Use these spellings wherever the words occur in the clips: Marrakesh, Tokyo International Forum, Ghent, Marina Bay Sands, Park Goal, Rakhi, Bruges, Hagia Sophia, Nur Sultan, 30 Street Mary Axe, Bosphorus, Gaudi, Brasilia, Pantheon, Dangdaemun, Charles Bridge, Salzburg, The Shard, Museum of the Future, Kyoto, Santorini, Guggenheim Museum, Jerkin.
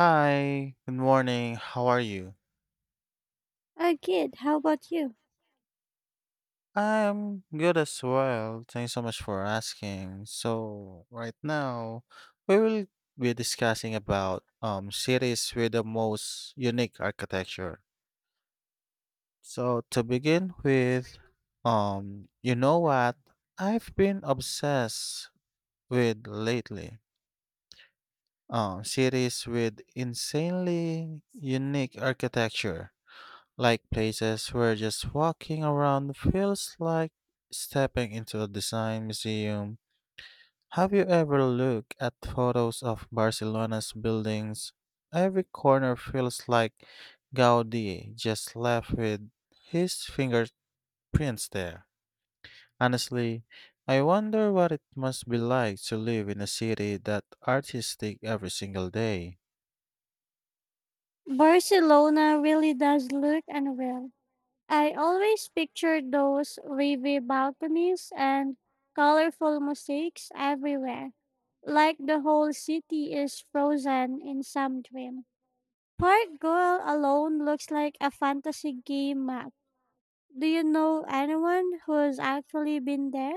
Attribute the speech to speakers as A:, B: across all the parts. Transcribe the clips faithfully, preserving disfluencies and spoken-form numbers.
A: Hi, good morning. How are you?
B: I did. How about you?
A: I'm good as well. Thanks so much for asking. So, right now, we will be discussing about um cities with the most unique architecture. So, to begin with, um, you know what I've been obsessed with lately? Um, cities with insanely unique architecture. Like places where just walking around feels like stepping into a design museum. Have you ever looked at photos of Barcelona's buildings? Every corner feels like Gaudi just left with his fingerprints there. Honestly, I wonder what it must be like to live in a city that artistic every single day.
B: Barcelona really does look unreal. I always picture those wavy balconies and colorful mosaics everywhere, like the whole city is frozen in some dream. Park Goal alone looks like a fantasy game map. Do you know anyone who's actually been there?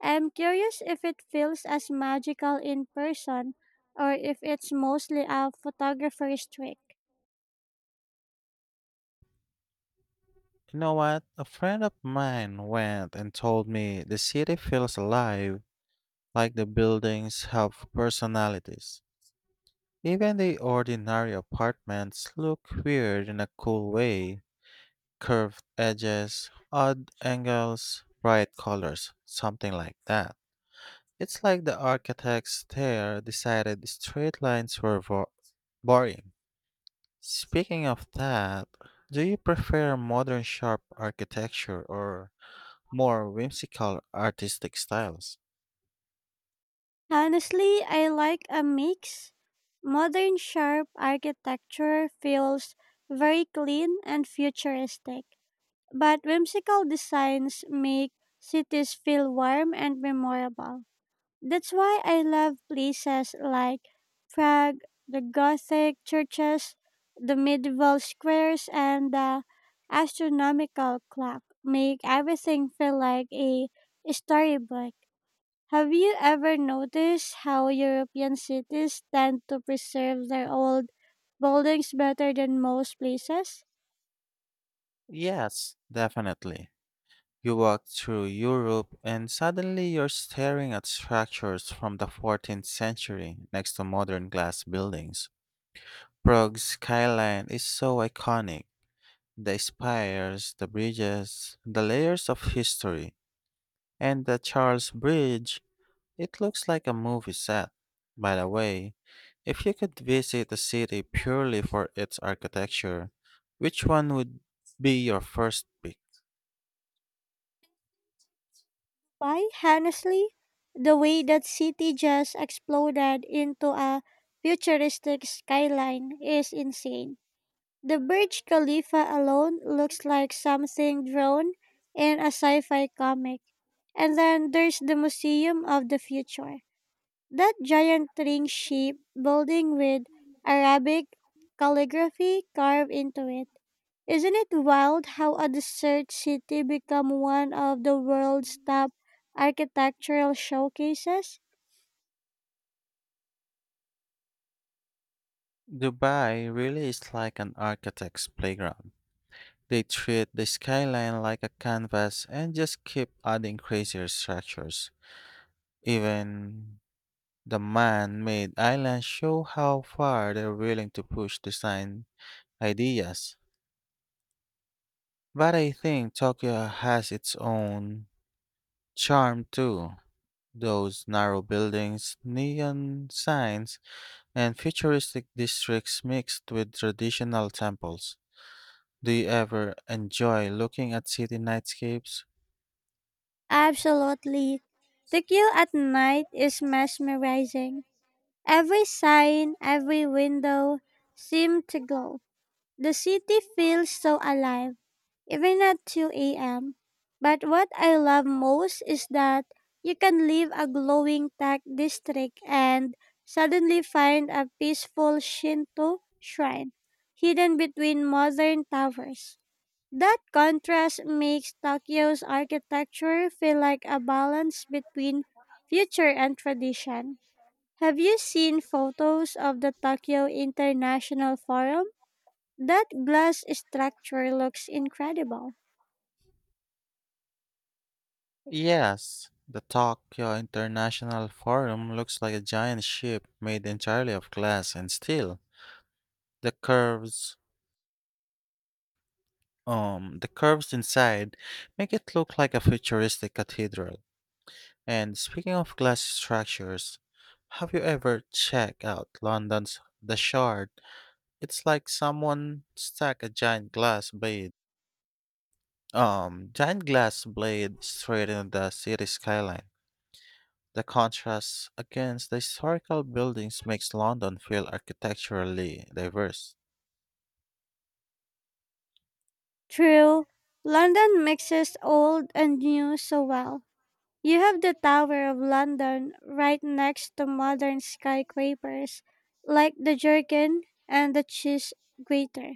B: I'm curious if it feels as magical in person or if it's mostly a photographer's trick.
A: You know what? A friend of mine went and told me the city feels alive like the buildings have personalities. Even the ordinary apartments look weird in a cool way: curved edges, odd angles, bright colors, something like that. It's like the architects there decided straight lines were vo- boring. Speaking of that, do you prefer modern sharp architecture or more whimsical artistic styles?
B: Honestly, I like a mix. Modern sharp architecture feels very clean and futuristic, but whimsical designs make cities feel warm and memorable. That's why I love places like Prague. The Gothic churches, the medieval squares, and the astronomical clock make everything feel like a storybook. Have you ever noticed how European cities tend to preserve their old buildings better than most places?
A: Yes, definitely. You walk through Europe and suddenly you're staring at structures from the fourteenth century next to modern glass buildings. Prague's skyline is so iconic. The spires, the bridges, the layers of history, and the Charles Bridge, it looks like a movie set. By the way, if you could visit a city purely for its architecture, which one would be your first pick?
B: Why, honestly, the way that city just exploded into a futuristic skyline is insane. The Burj Khalifa alone looks like something drawn in a sci fi comic. And then there's the Museum of the Future. That giant ring shaped building with Arabic calligraphy carved into it. Isn't it wild how a desert city become one of the world's top architectural showcases?
A: Dubai really is like an architect's playground. They treat the skyline like a canvas and just keep adding crazier structures. Even the man made islands show how far they're willing to push design ideas. But I think Tokyo has its own charm too. Those narrow buildings, neon signs, and futuristic districts mixed with traditional temples. Do you ever enjoy looking at city nightscapes?
B: Absolutely. The queue at night is mesmerizing. Every sign, every window seemed to glow. The city feels so alive, even at two a m. But what I love most is that you can leave a glowing tech district and suddenly find a peaceful Shinto shrine hidden between modern towers. That contrast makes Tokyo's architecture feel like a balance between future and tradition. Have you seen photos of the Tokyo International Forum? That glass structure looks incredible.
A: Yes, the Tokyo International Forum looks like a giant ship made entirely of glass and steel. The curves, um, the curves inside make it look like a futuristic cathedral. And speaking of glass structures, have you ever checked out London's The Shard? It's like someone stuck a giant glass blade, um, giant glass blade straight into the city skyline. The contrast against the historical buildings makes London feel architecturally diverse.
B: True, London mixes old and new so well. You have the Tower of London right next to modern skyscrapers like the Jerkin and the Cheese Grater.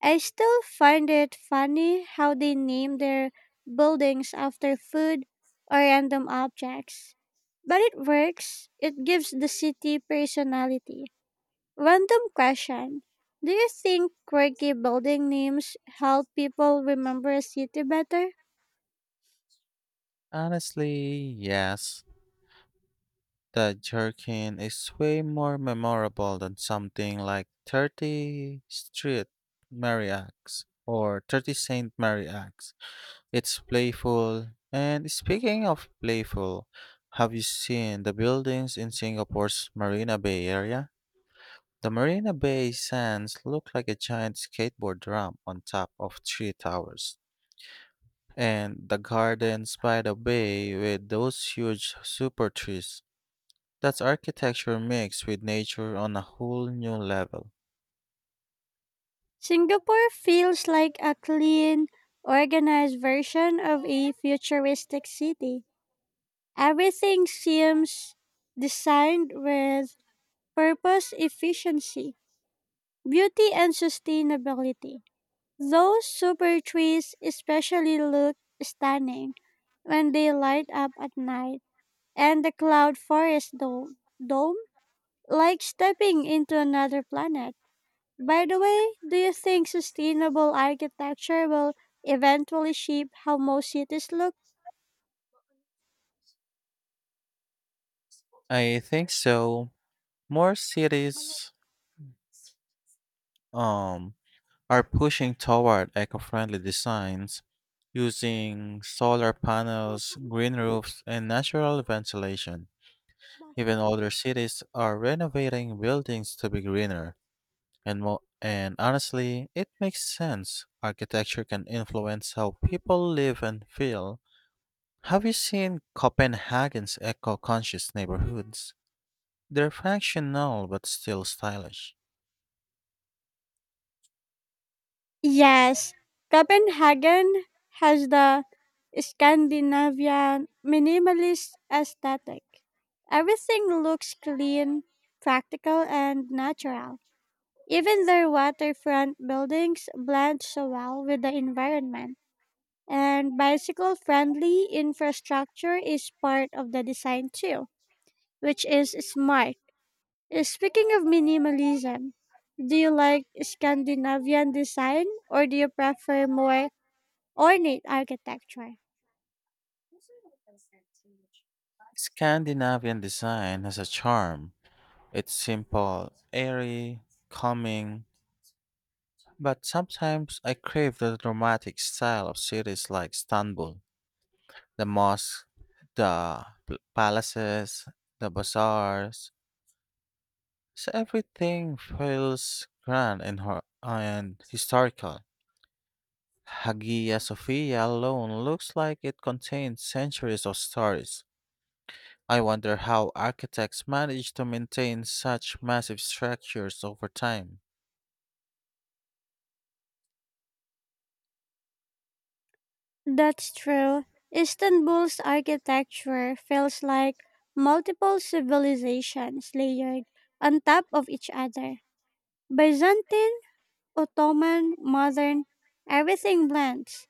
B: I still find it funny how they name their buildings after food or random objects. But it works. It gives the city personality. Random question. Do you think quirky building names help people remember a city better?
A: Honestly, yes. The jerkin is way more memorable than something like thirty Street Mary Axe or thirty saint Mary Axe. It's playful. And speaking of playful, have you seen the buildings in Singapore's Marina Bay area? The Marina Bay sands look like a giant skateboard ramp on top of three towers. And the gardens by the bay with those huge super trees. That's architecture mixed with nature on a whole new level.
B: Singapore feels like a clean, organized version of a futuristic city. Everything seems designed with purpose, efficiency, beauty, and sustainability. Those super trees especially look stunning when they light up at night, and the cloud forest dome. dome Like stepping into another planet. By the way, do you think sustainable architecture will eventually shape how most cities look?
A: I think so. More cities um are pushing toward eco-friendly designs using solar panels, green roofs, and natural ventilation. Even older cities are renovating buildings to be greener, and mo- and honestly, it makes sense. Architecture can influence how people live and feel. Have you seen Copenhagen's eco-conscious neighborhoods? They're functional but still stylish.
B: Yes, Copenhagen has the Scandinavian minimalist aesthetic. Everything looks clean, practical, and natural. Even their waterfront buildings blend so well with the environment. And bicycle friendly infrastructure is part of the design too, which is smart. Uh, Speaking of minimalism, do you like Scandinavian design or do you prefer more ornate architecture?
A: Scandinavian design has a charm. It's simple, airy, calming, but sometimes I crave the dramatic style of cities like Istanbul. The mosque, the pl- palaces, the bazaars. So everything feels grand and, hor- and historical. Hagia Sophia alone looks like it contains centuries of stories. I wonder how architects manage to maintain such massive structures over time.
B: That's true. Istanbul's architecture feels like multiple civilizations layered on top of each other. Byzantine, Ottoman, modern, everything blends.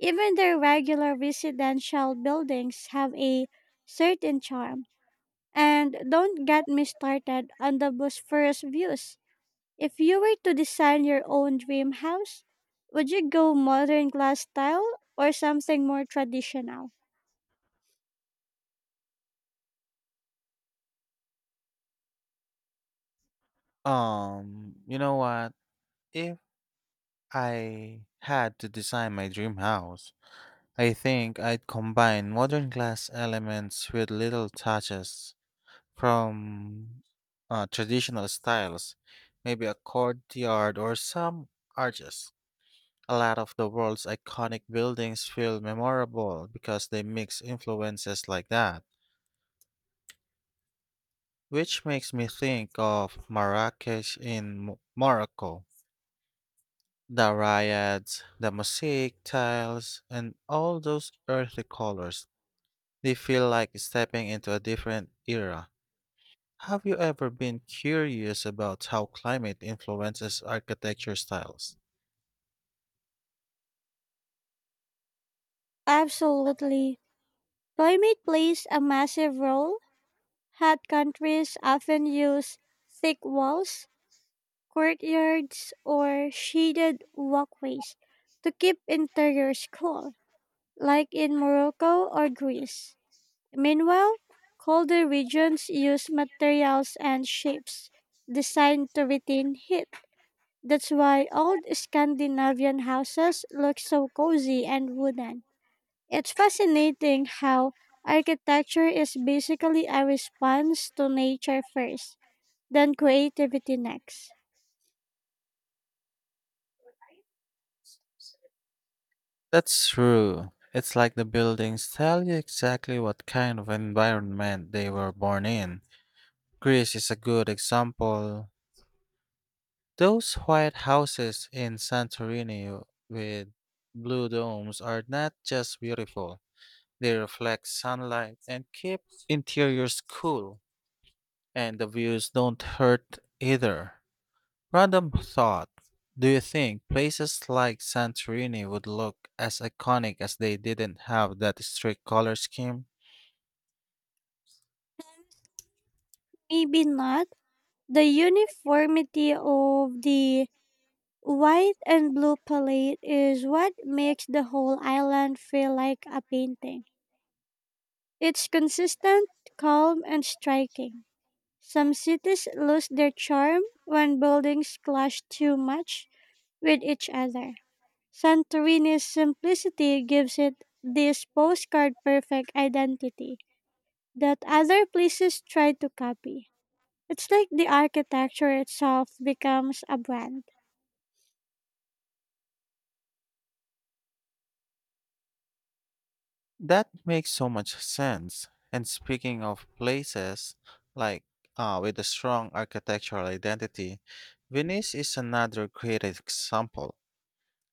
B: Even their regular residential buildings have a certain charm. And don't get me started on the Bosphorus views. If you were to design your own dream house, would you go modern glass style or something more traditional?
A: Um, you know what? If I had to design my dream house, I think I'd combine modern glass elements with little touches from uh, traditional styles, maybe a courtyard or some arches. A lot of the world's iconic buildings feel memorable because they mix influences like that, which makes me think of Marrakesh in Mo- Morocco. The riots, the mosaic tiles, and all those earthy colors. They feel like stepping into a different era. Have you ever been curious about how climate influences architecture styles?
B: Absolutely. Climate plays a massive role. Hot countries often use thick walls, courtyards, or shaded walkways to keep interiors cool, like in Morocco or Greece. Meanwhile, colder regions use materials and shapes designed to retain heat. That's why old Scandinavian houses look so cozy and wooden. It's fascinating how architecture is basically a response to nature first, then creativity next.
A: That's true. It's like the buildings tell you exactly what kind of environment they were born in. Greece is a good example. Those white houses in Santorini with blue domes are not just beautiful, they reflect sunlight and keep interiors cool. And the views don't hurt either. Random thought. Do you think places like Santorini would look as iconic as they didn't have that strict color scheme?
B: Maybe not. The uniformity of the white and blue palette is what makes the whole island feel like a painting. It's consistent, calm, and striking. Some cities lose their charm when buildings clash too much with each other. Santorini's simplicity gives it this postcard perfect identity that other places try to copy. It's like the architecture itself becomes a brand.
A: That makes so much sense. And speaking of places like uh, with a strong architectural identity, Venice is another great example.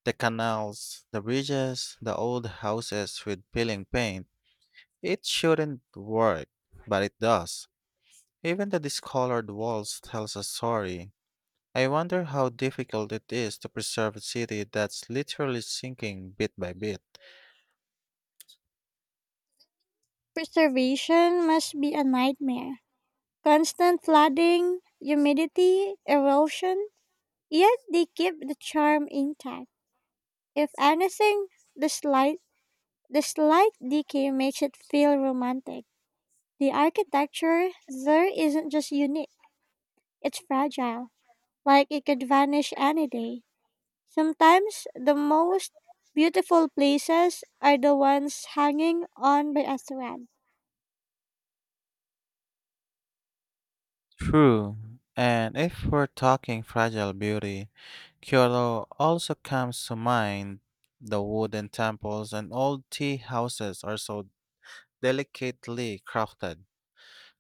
A: The canals, the bridges, the old houses with peeling paint. It shouldn't work, but it does. Even the discolored walls tells a story. I wonder how difficult it is to preserve a city that's literally sinking bit by bit.
B: Preservation must be a nightmare. Constant flooding, humidity, erosion, yet they keep the charm intact. If anything, the slight the slight decay makes it feel romantic. The architecture there isn't just unique, it's fragile, like it could vanish any day. Sometimes the most beautiful places are the ones hanging on by a thread.
A: True. And if we're talking fragile beauty, Kyoto also comes to mind. The wooden temples and old tea houses are so delicately crafted.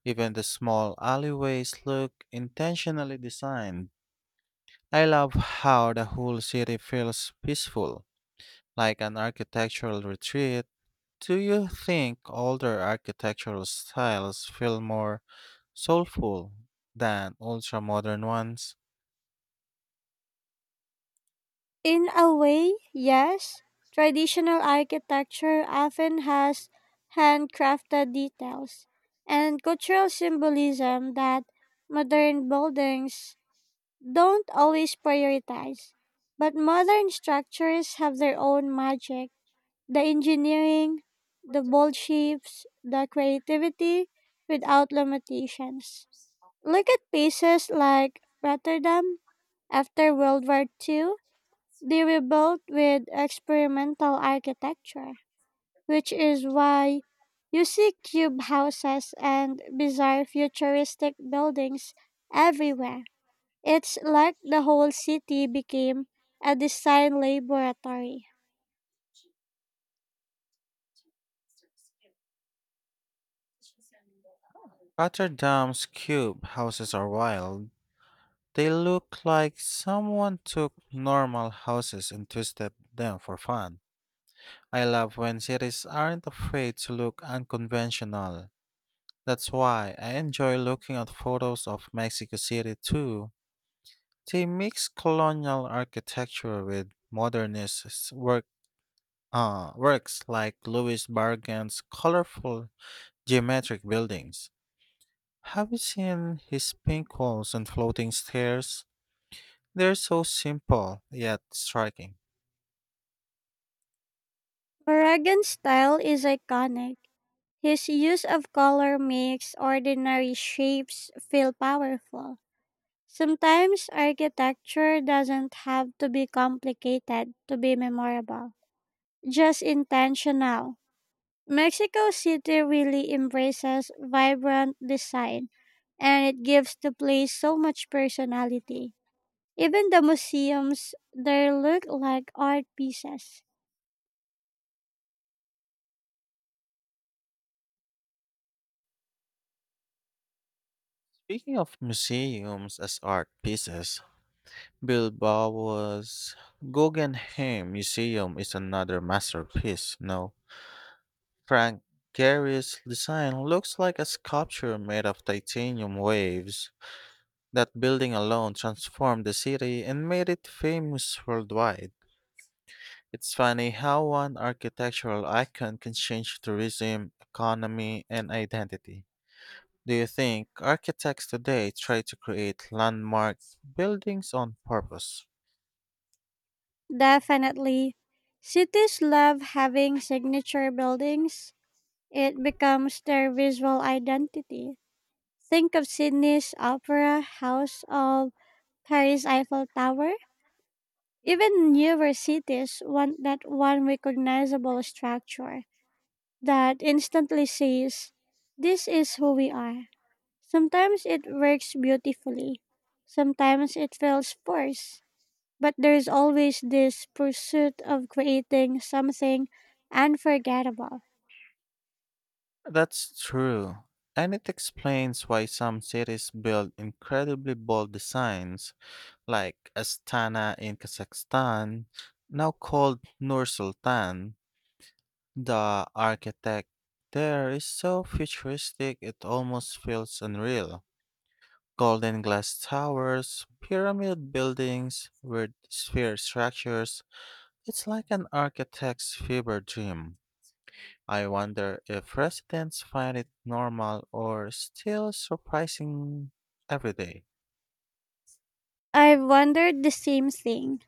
A: Even the small alleyways look intentionally designed. I love how the whole city feels peaceful like an architectural retreat. Do you think older architectural styles feel more soulful than ultra modern ones?
B: In a way, yes. Traditional architecture often has handcrafted details and cultural symbolism that modern buildings don't always prioritize. But modern structures have their own magic. The engineering, the bold shapes, the creativity without limitations. Look at places like Rotterdam after World War Two. They were built with experimental architecture, which is why you see cube houses and bizarre futuristic buildings everywhere. It's like the whole city became a design laboratory.
A: Rotterdam's cube houses are wild. They look like someone took normal houses and twisted them for fun. I love when cities aren't afraid to look unconventional. That's why I enjoy looking at photos of Mexico City too. They mix colonial architecture with modernist work, uh, works like Louis Bargain's colorful geometric buildings. Have you seen his pink walls and floating stairs? They're so simple yet striking.
B: Moragan's style is iconic. His use of color makes ordinary shapes feel powerful. Sometimes architecture doesn't have to be complicated to be memorable, just intentional. Mexico City really embraces vibrant design, and it gives the place so much personality. Even the museums, they look like art pieces.
A: Speaking of museums as art pieces, Bilbao's Guggenheim Museum is another masterpiece. No, Frank Gehry's design looks like a sculpture made of titanium waves. That building alone transformed the city and made it famous worldwide. It's funny how one architectural icon can change tourism, economy, and identity. Do you think architects today try to create landmark buildings on purpose?
B: Definitely. Cities love having signature buildings. It becomes their visual identity. Think of Sydney's Opera House of Paris Eiffel Tower. Even newer cities want that one recognizable structure that instantly says, "This is who we are." Sometimes it works beautifully, sometimes it feels forced, but there's always this pursuit of creating something unforgettable.
A: That's true. And it explains why some cities build incredibly bold designs like Astana in Kazakhstan, now called Nur Sultan. The architect there is so futuristic it almost feels unreal. Golden glass towers, pyramid buildings, weird sphere structures. It's like an architect's fever dream. I wonder if residents find it normal or still surprising every day.
B: I've wondered the same thing.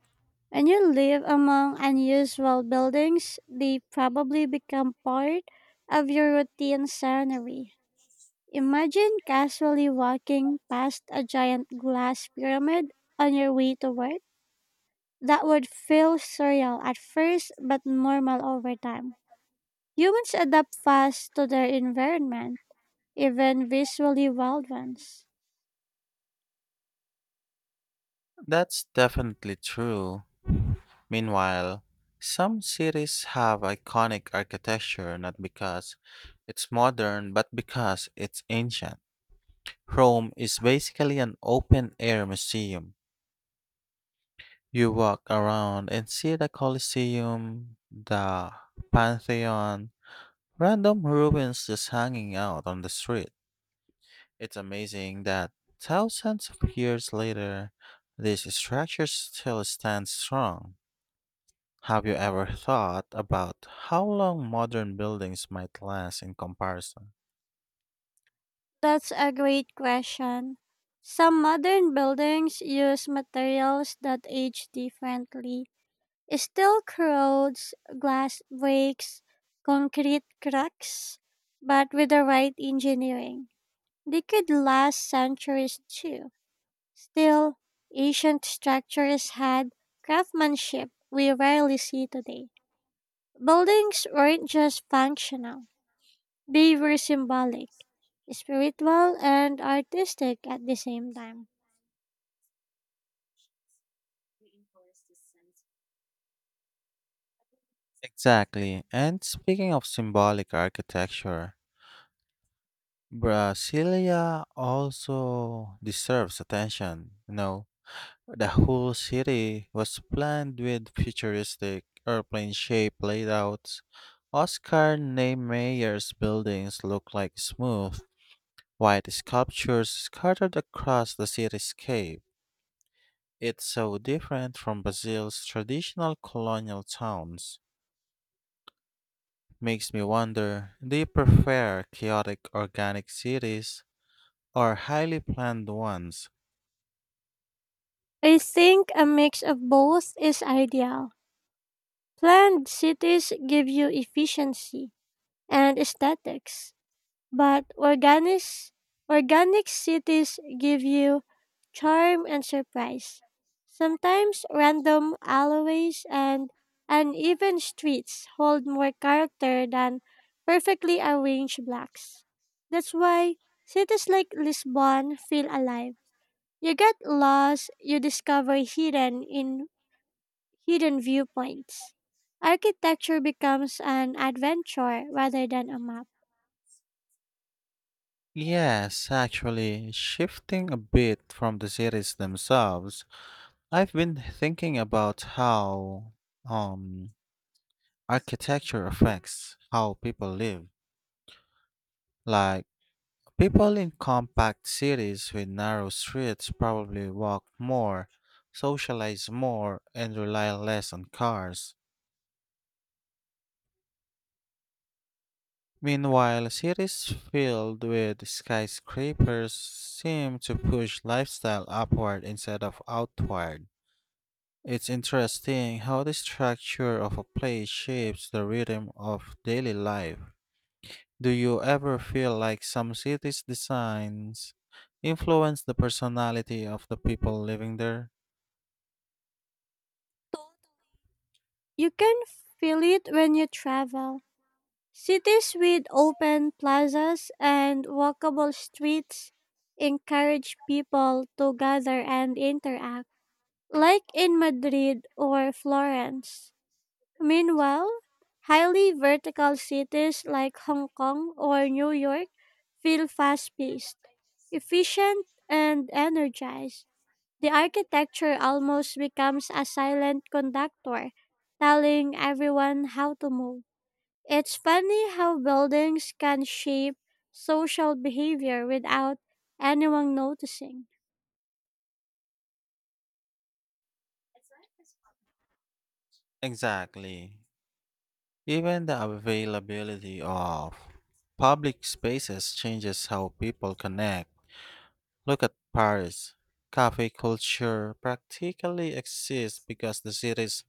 B: When you live among unusual buildings, they probably become part of your routine scenery. Imagine casually walking past a giant glass pyramid on your way to work. That would feel surreal at first, but normal over time. Humans adapt fast to their environment, even visually wild ones.
A: That's definitely true. Meanwhile, some cities have iconic architecture not because it's modern but because it's ancient. Rome is basically an open air museum. You walk around and see the Colosseum, the Pantheon, random ruins just hanging out on the street. It's amazing that thousands of years later, this structure still stands strong. Have you ever thought about how long modern buildings might last in comparison?
B: That's a great question. Some modern buildings use materials that age differently. Steel corrodes, glass breaks, concrete cracks, but with the right engineering, they could last centuries too. Still, ancient structures had craftsmanship we rarely see today. Buildings weren't just functional, they were symbolic, spiritual, and artistic at the same time.
A: Exactly. And speaking of symbolic architecture, Brasilia also deserves attention. You know, the whole city was planned with futuristic airplane shaped layouts. Oscar Niemeyer's buildings look like smooth, white sculptures scattered across the cityscape. It's so different from Brazil's traditional colonial towns. Makes me wonder, do you prefer chaotic organic cities or highly planned ones?
B: I think a mix of both is ideal. Planned cities give you efficiency and aesthetics, but organic organic cities give you charm and surprise. Sometimes random alleyways and uneven streets hold more character than perfectly arranged blocks. That's why cities like Lisbon feel alive. You get lost, you discover hidden in hidden viewpoints. Architecture becomes an adventure rather than a map.
A: Yes, actually, shifting a bit from the cities themselves, I've been thinking about how um, architecture affects how people live. Like, people in compact cities with narrow streets probably walk more, socialize more, and rely less on cars. Meanwhile, cities filled with skyscrapers seem to push lifestyle upward instead of outward. It's interesting how the structure of a place shapes the rhythm of daily life. Do you ever feel like some cities' designs influence the personality of the people living there?
B: You can feel it when you travel. Cities with open plazas and walkable streets encourage people to gather and interact, like in Madrid or Florence. Meanwhile, highly vertical cities like Hong Kong or New York feel fast paced, efficient, and energized. The architecture almost becomes a silent conductor, telling everyone how to move. It's funny how buildings can shape social behavior without anyone noticing.
A: Exactly. Even the availability of public spaces changes how people connect. Look at Paris. Cafe culture practically exists because the city's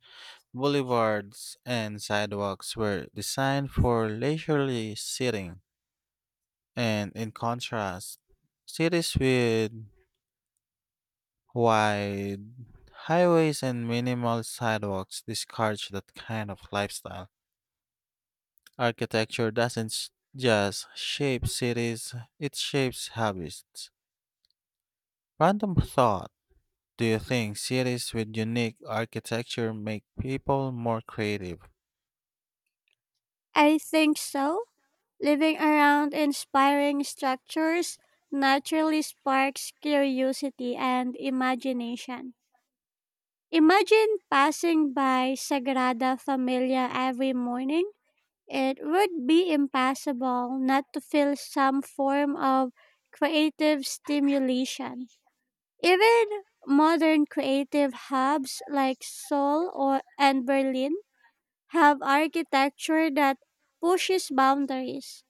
A: boulevards and sidewalks were designed for leisurely sitting. And in contrast, cities with wide highways and minimal sidewalks discourage that kind of lifestyle. Architecture doesn't s- just shape cities, it shapes habits. Random thought. Do you think cities with unique architecture make people more creative?
B: I think so. Living around inspiring structures naturally sparks curiosity and imagination. Imagine passing by Sagrada Familia every morning. It would be impossible not to feel some form of creative stimulation. Even modern creative hubs like Seoul or and Berlin have architecture that pushes boundaries.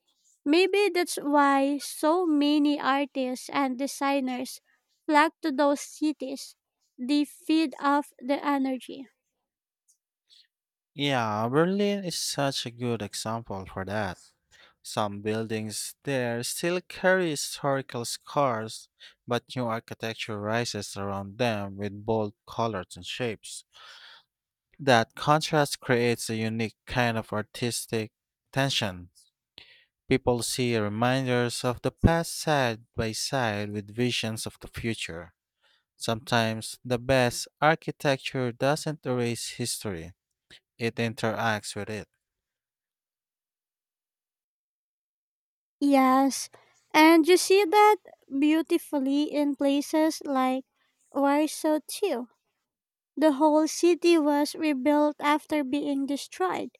B: Maybe that's why so many artists and designers flock to those cities. They feed off the energy.
A: Yeah, Berlin is such a good example for that. Some buildings there still carry historical scars, but new architecture rises around them with bold colors and shapes. That contrast creates a unique kind of artistic tension. People see reminders of the past side by side with visions of the future. Sometimes the best architecture doesn't erase history, it interacts with it.
B: Yes, and you see that beautifully in places like Warsaw too. The whole city was rebuilt after being destroyed,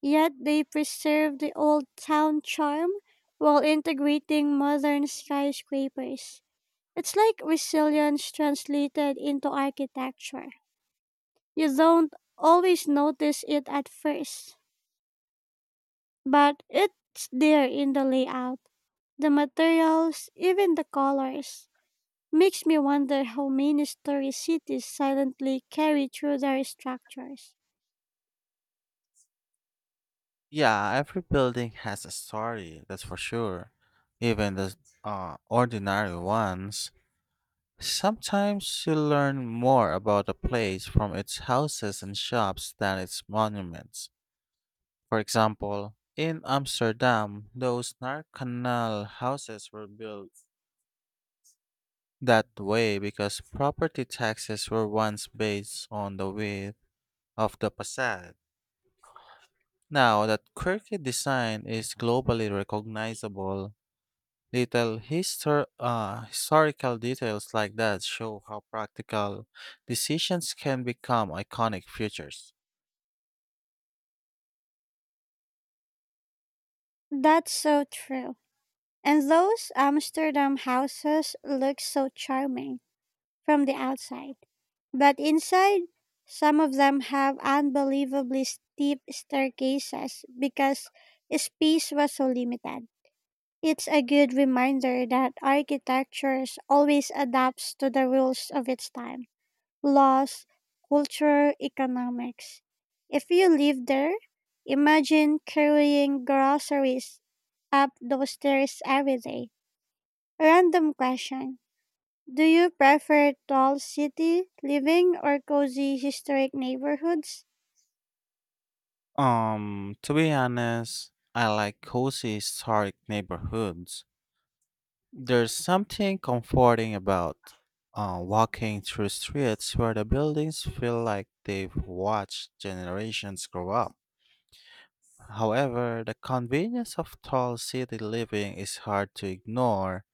B: yet they preserved the old town charm while integrating modern skyscrapers. It's like resilience translated into architecture. You don't always notice it at first, but it's there in the layout, the materials, even the colors. Makes me wonder how many story cities silently carry through their structures.
A: Yeah, every building has a story, that's for sure. Even the uh, ordinary ones. Sometimes you learn more about a place from its houses and shops than its monuments. For example, in Amsterdam, those narcanal houses were built that way because property taxes were once based on the width of the facade. Now that quirky design is globally recognizable. Little histor- uh, historical details like that show how practical decisions can become iconic features.
B: That's so true. And those Amsterdam houses look so charming from the outside. But inside, some of them have unbelievably steep staircases because space was so limited. It's a good reminder that architecture always adapts to the rules of its time: laws, culture, economics. If you live there, imagine carrying groceries up those stairs every day. Random question. Do you prefer tall city living or cozy historic neighborhoods?
A: Um, to be honest, I like cozy historic neighborhoods. There's something comforting about uh, walking through streets where the buildings feel like they've watched generations grow up. However, the convenience of tall city living is hard to ignore.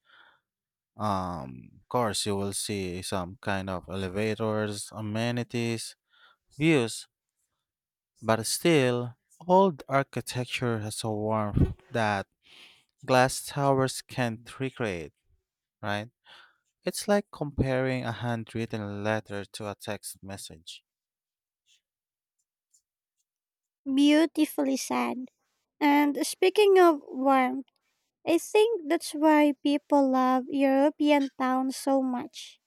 A: Um, of course, you will see some kind of elevators, amenities, views, but still, old architecture has a warmth that glass towers can't recreate, right? It's like comparing a handwritten letter to a text message.
B: Beautifully said. And speaking of warmth, I think that's why people love European towns so much.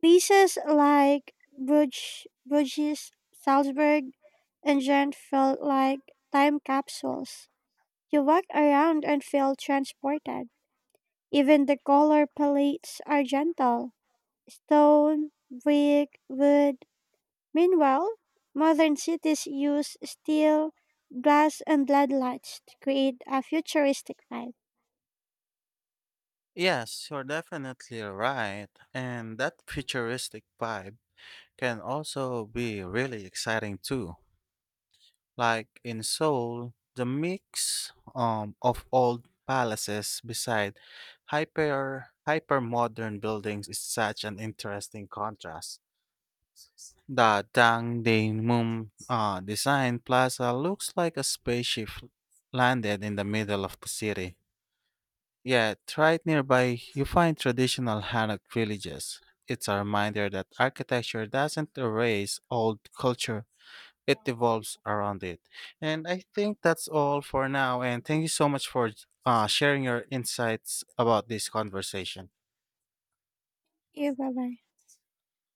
B: Places like Bruges, Bruges, Salzburg, and Ghent felt like time capsules. You walk around and feel transported. Even the color palettes are gentle: stone, brick, wood. Meanwhile, modern cities use steel, glass, and L E D lights to create a futuristic vibe.
A: Yes, you're definitely right, and that futuristic vibe can also be really exciting too. Like in Seoul, the mix um, of old palaces beside hyper hyper modern buildings is such an interesting contrast. The Dangdaemun uh, design plaza looks like a spaceship landed in the middle of the city. Yet, right nearby, you find traditional Hanok villages. It's a reminder that architecture doesn't erase old culture, it evolves around it. And I think that's all for now. And thank you so much for uh, sharing your insights about this conversation.
B: Yeah, bye bye.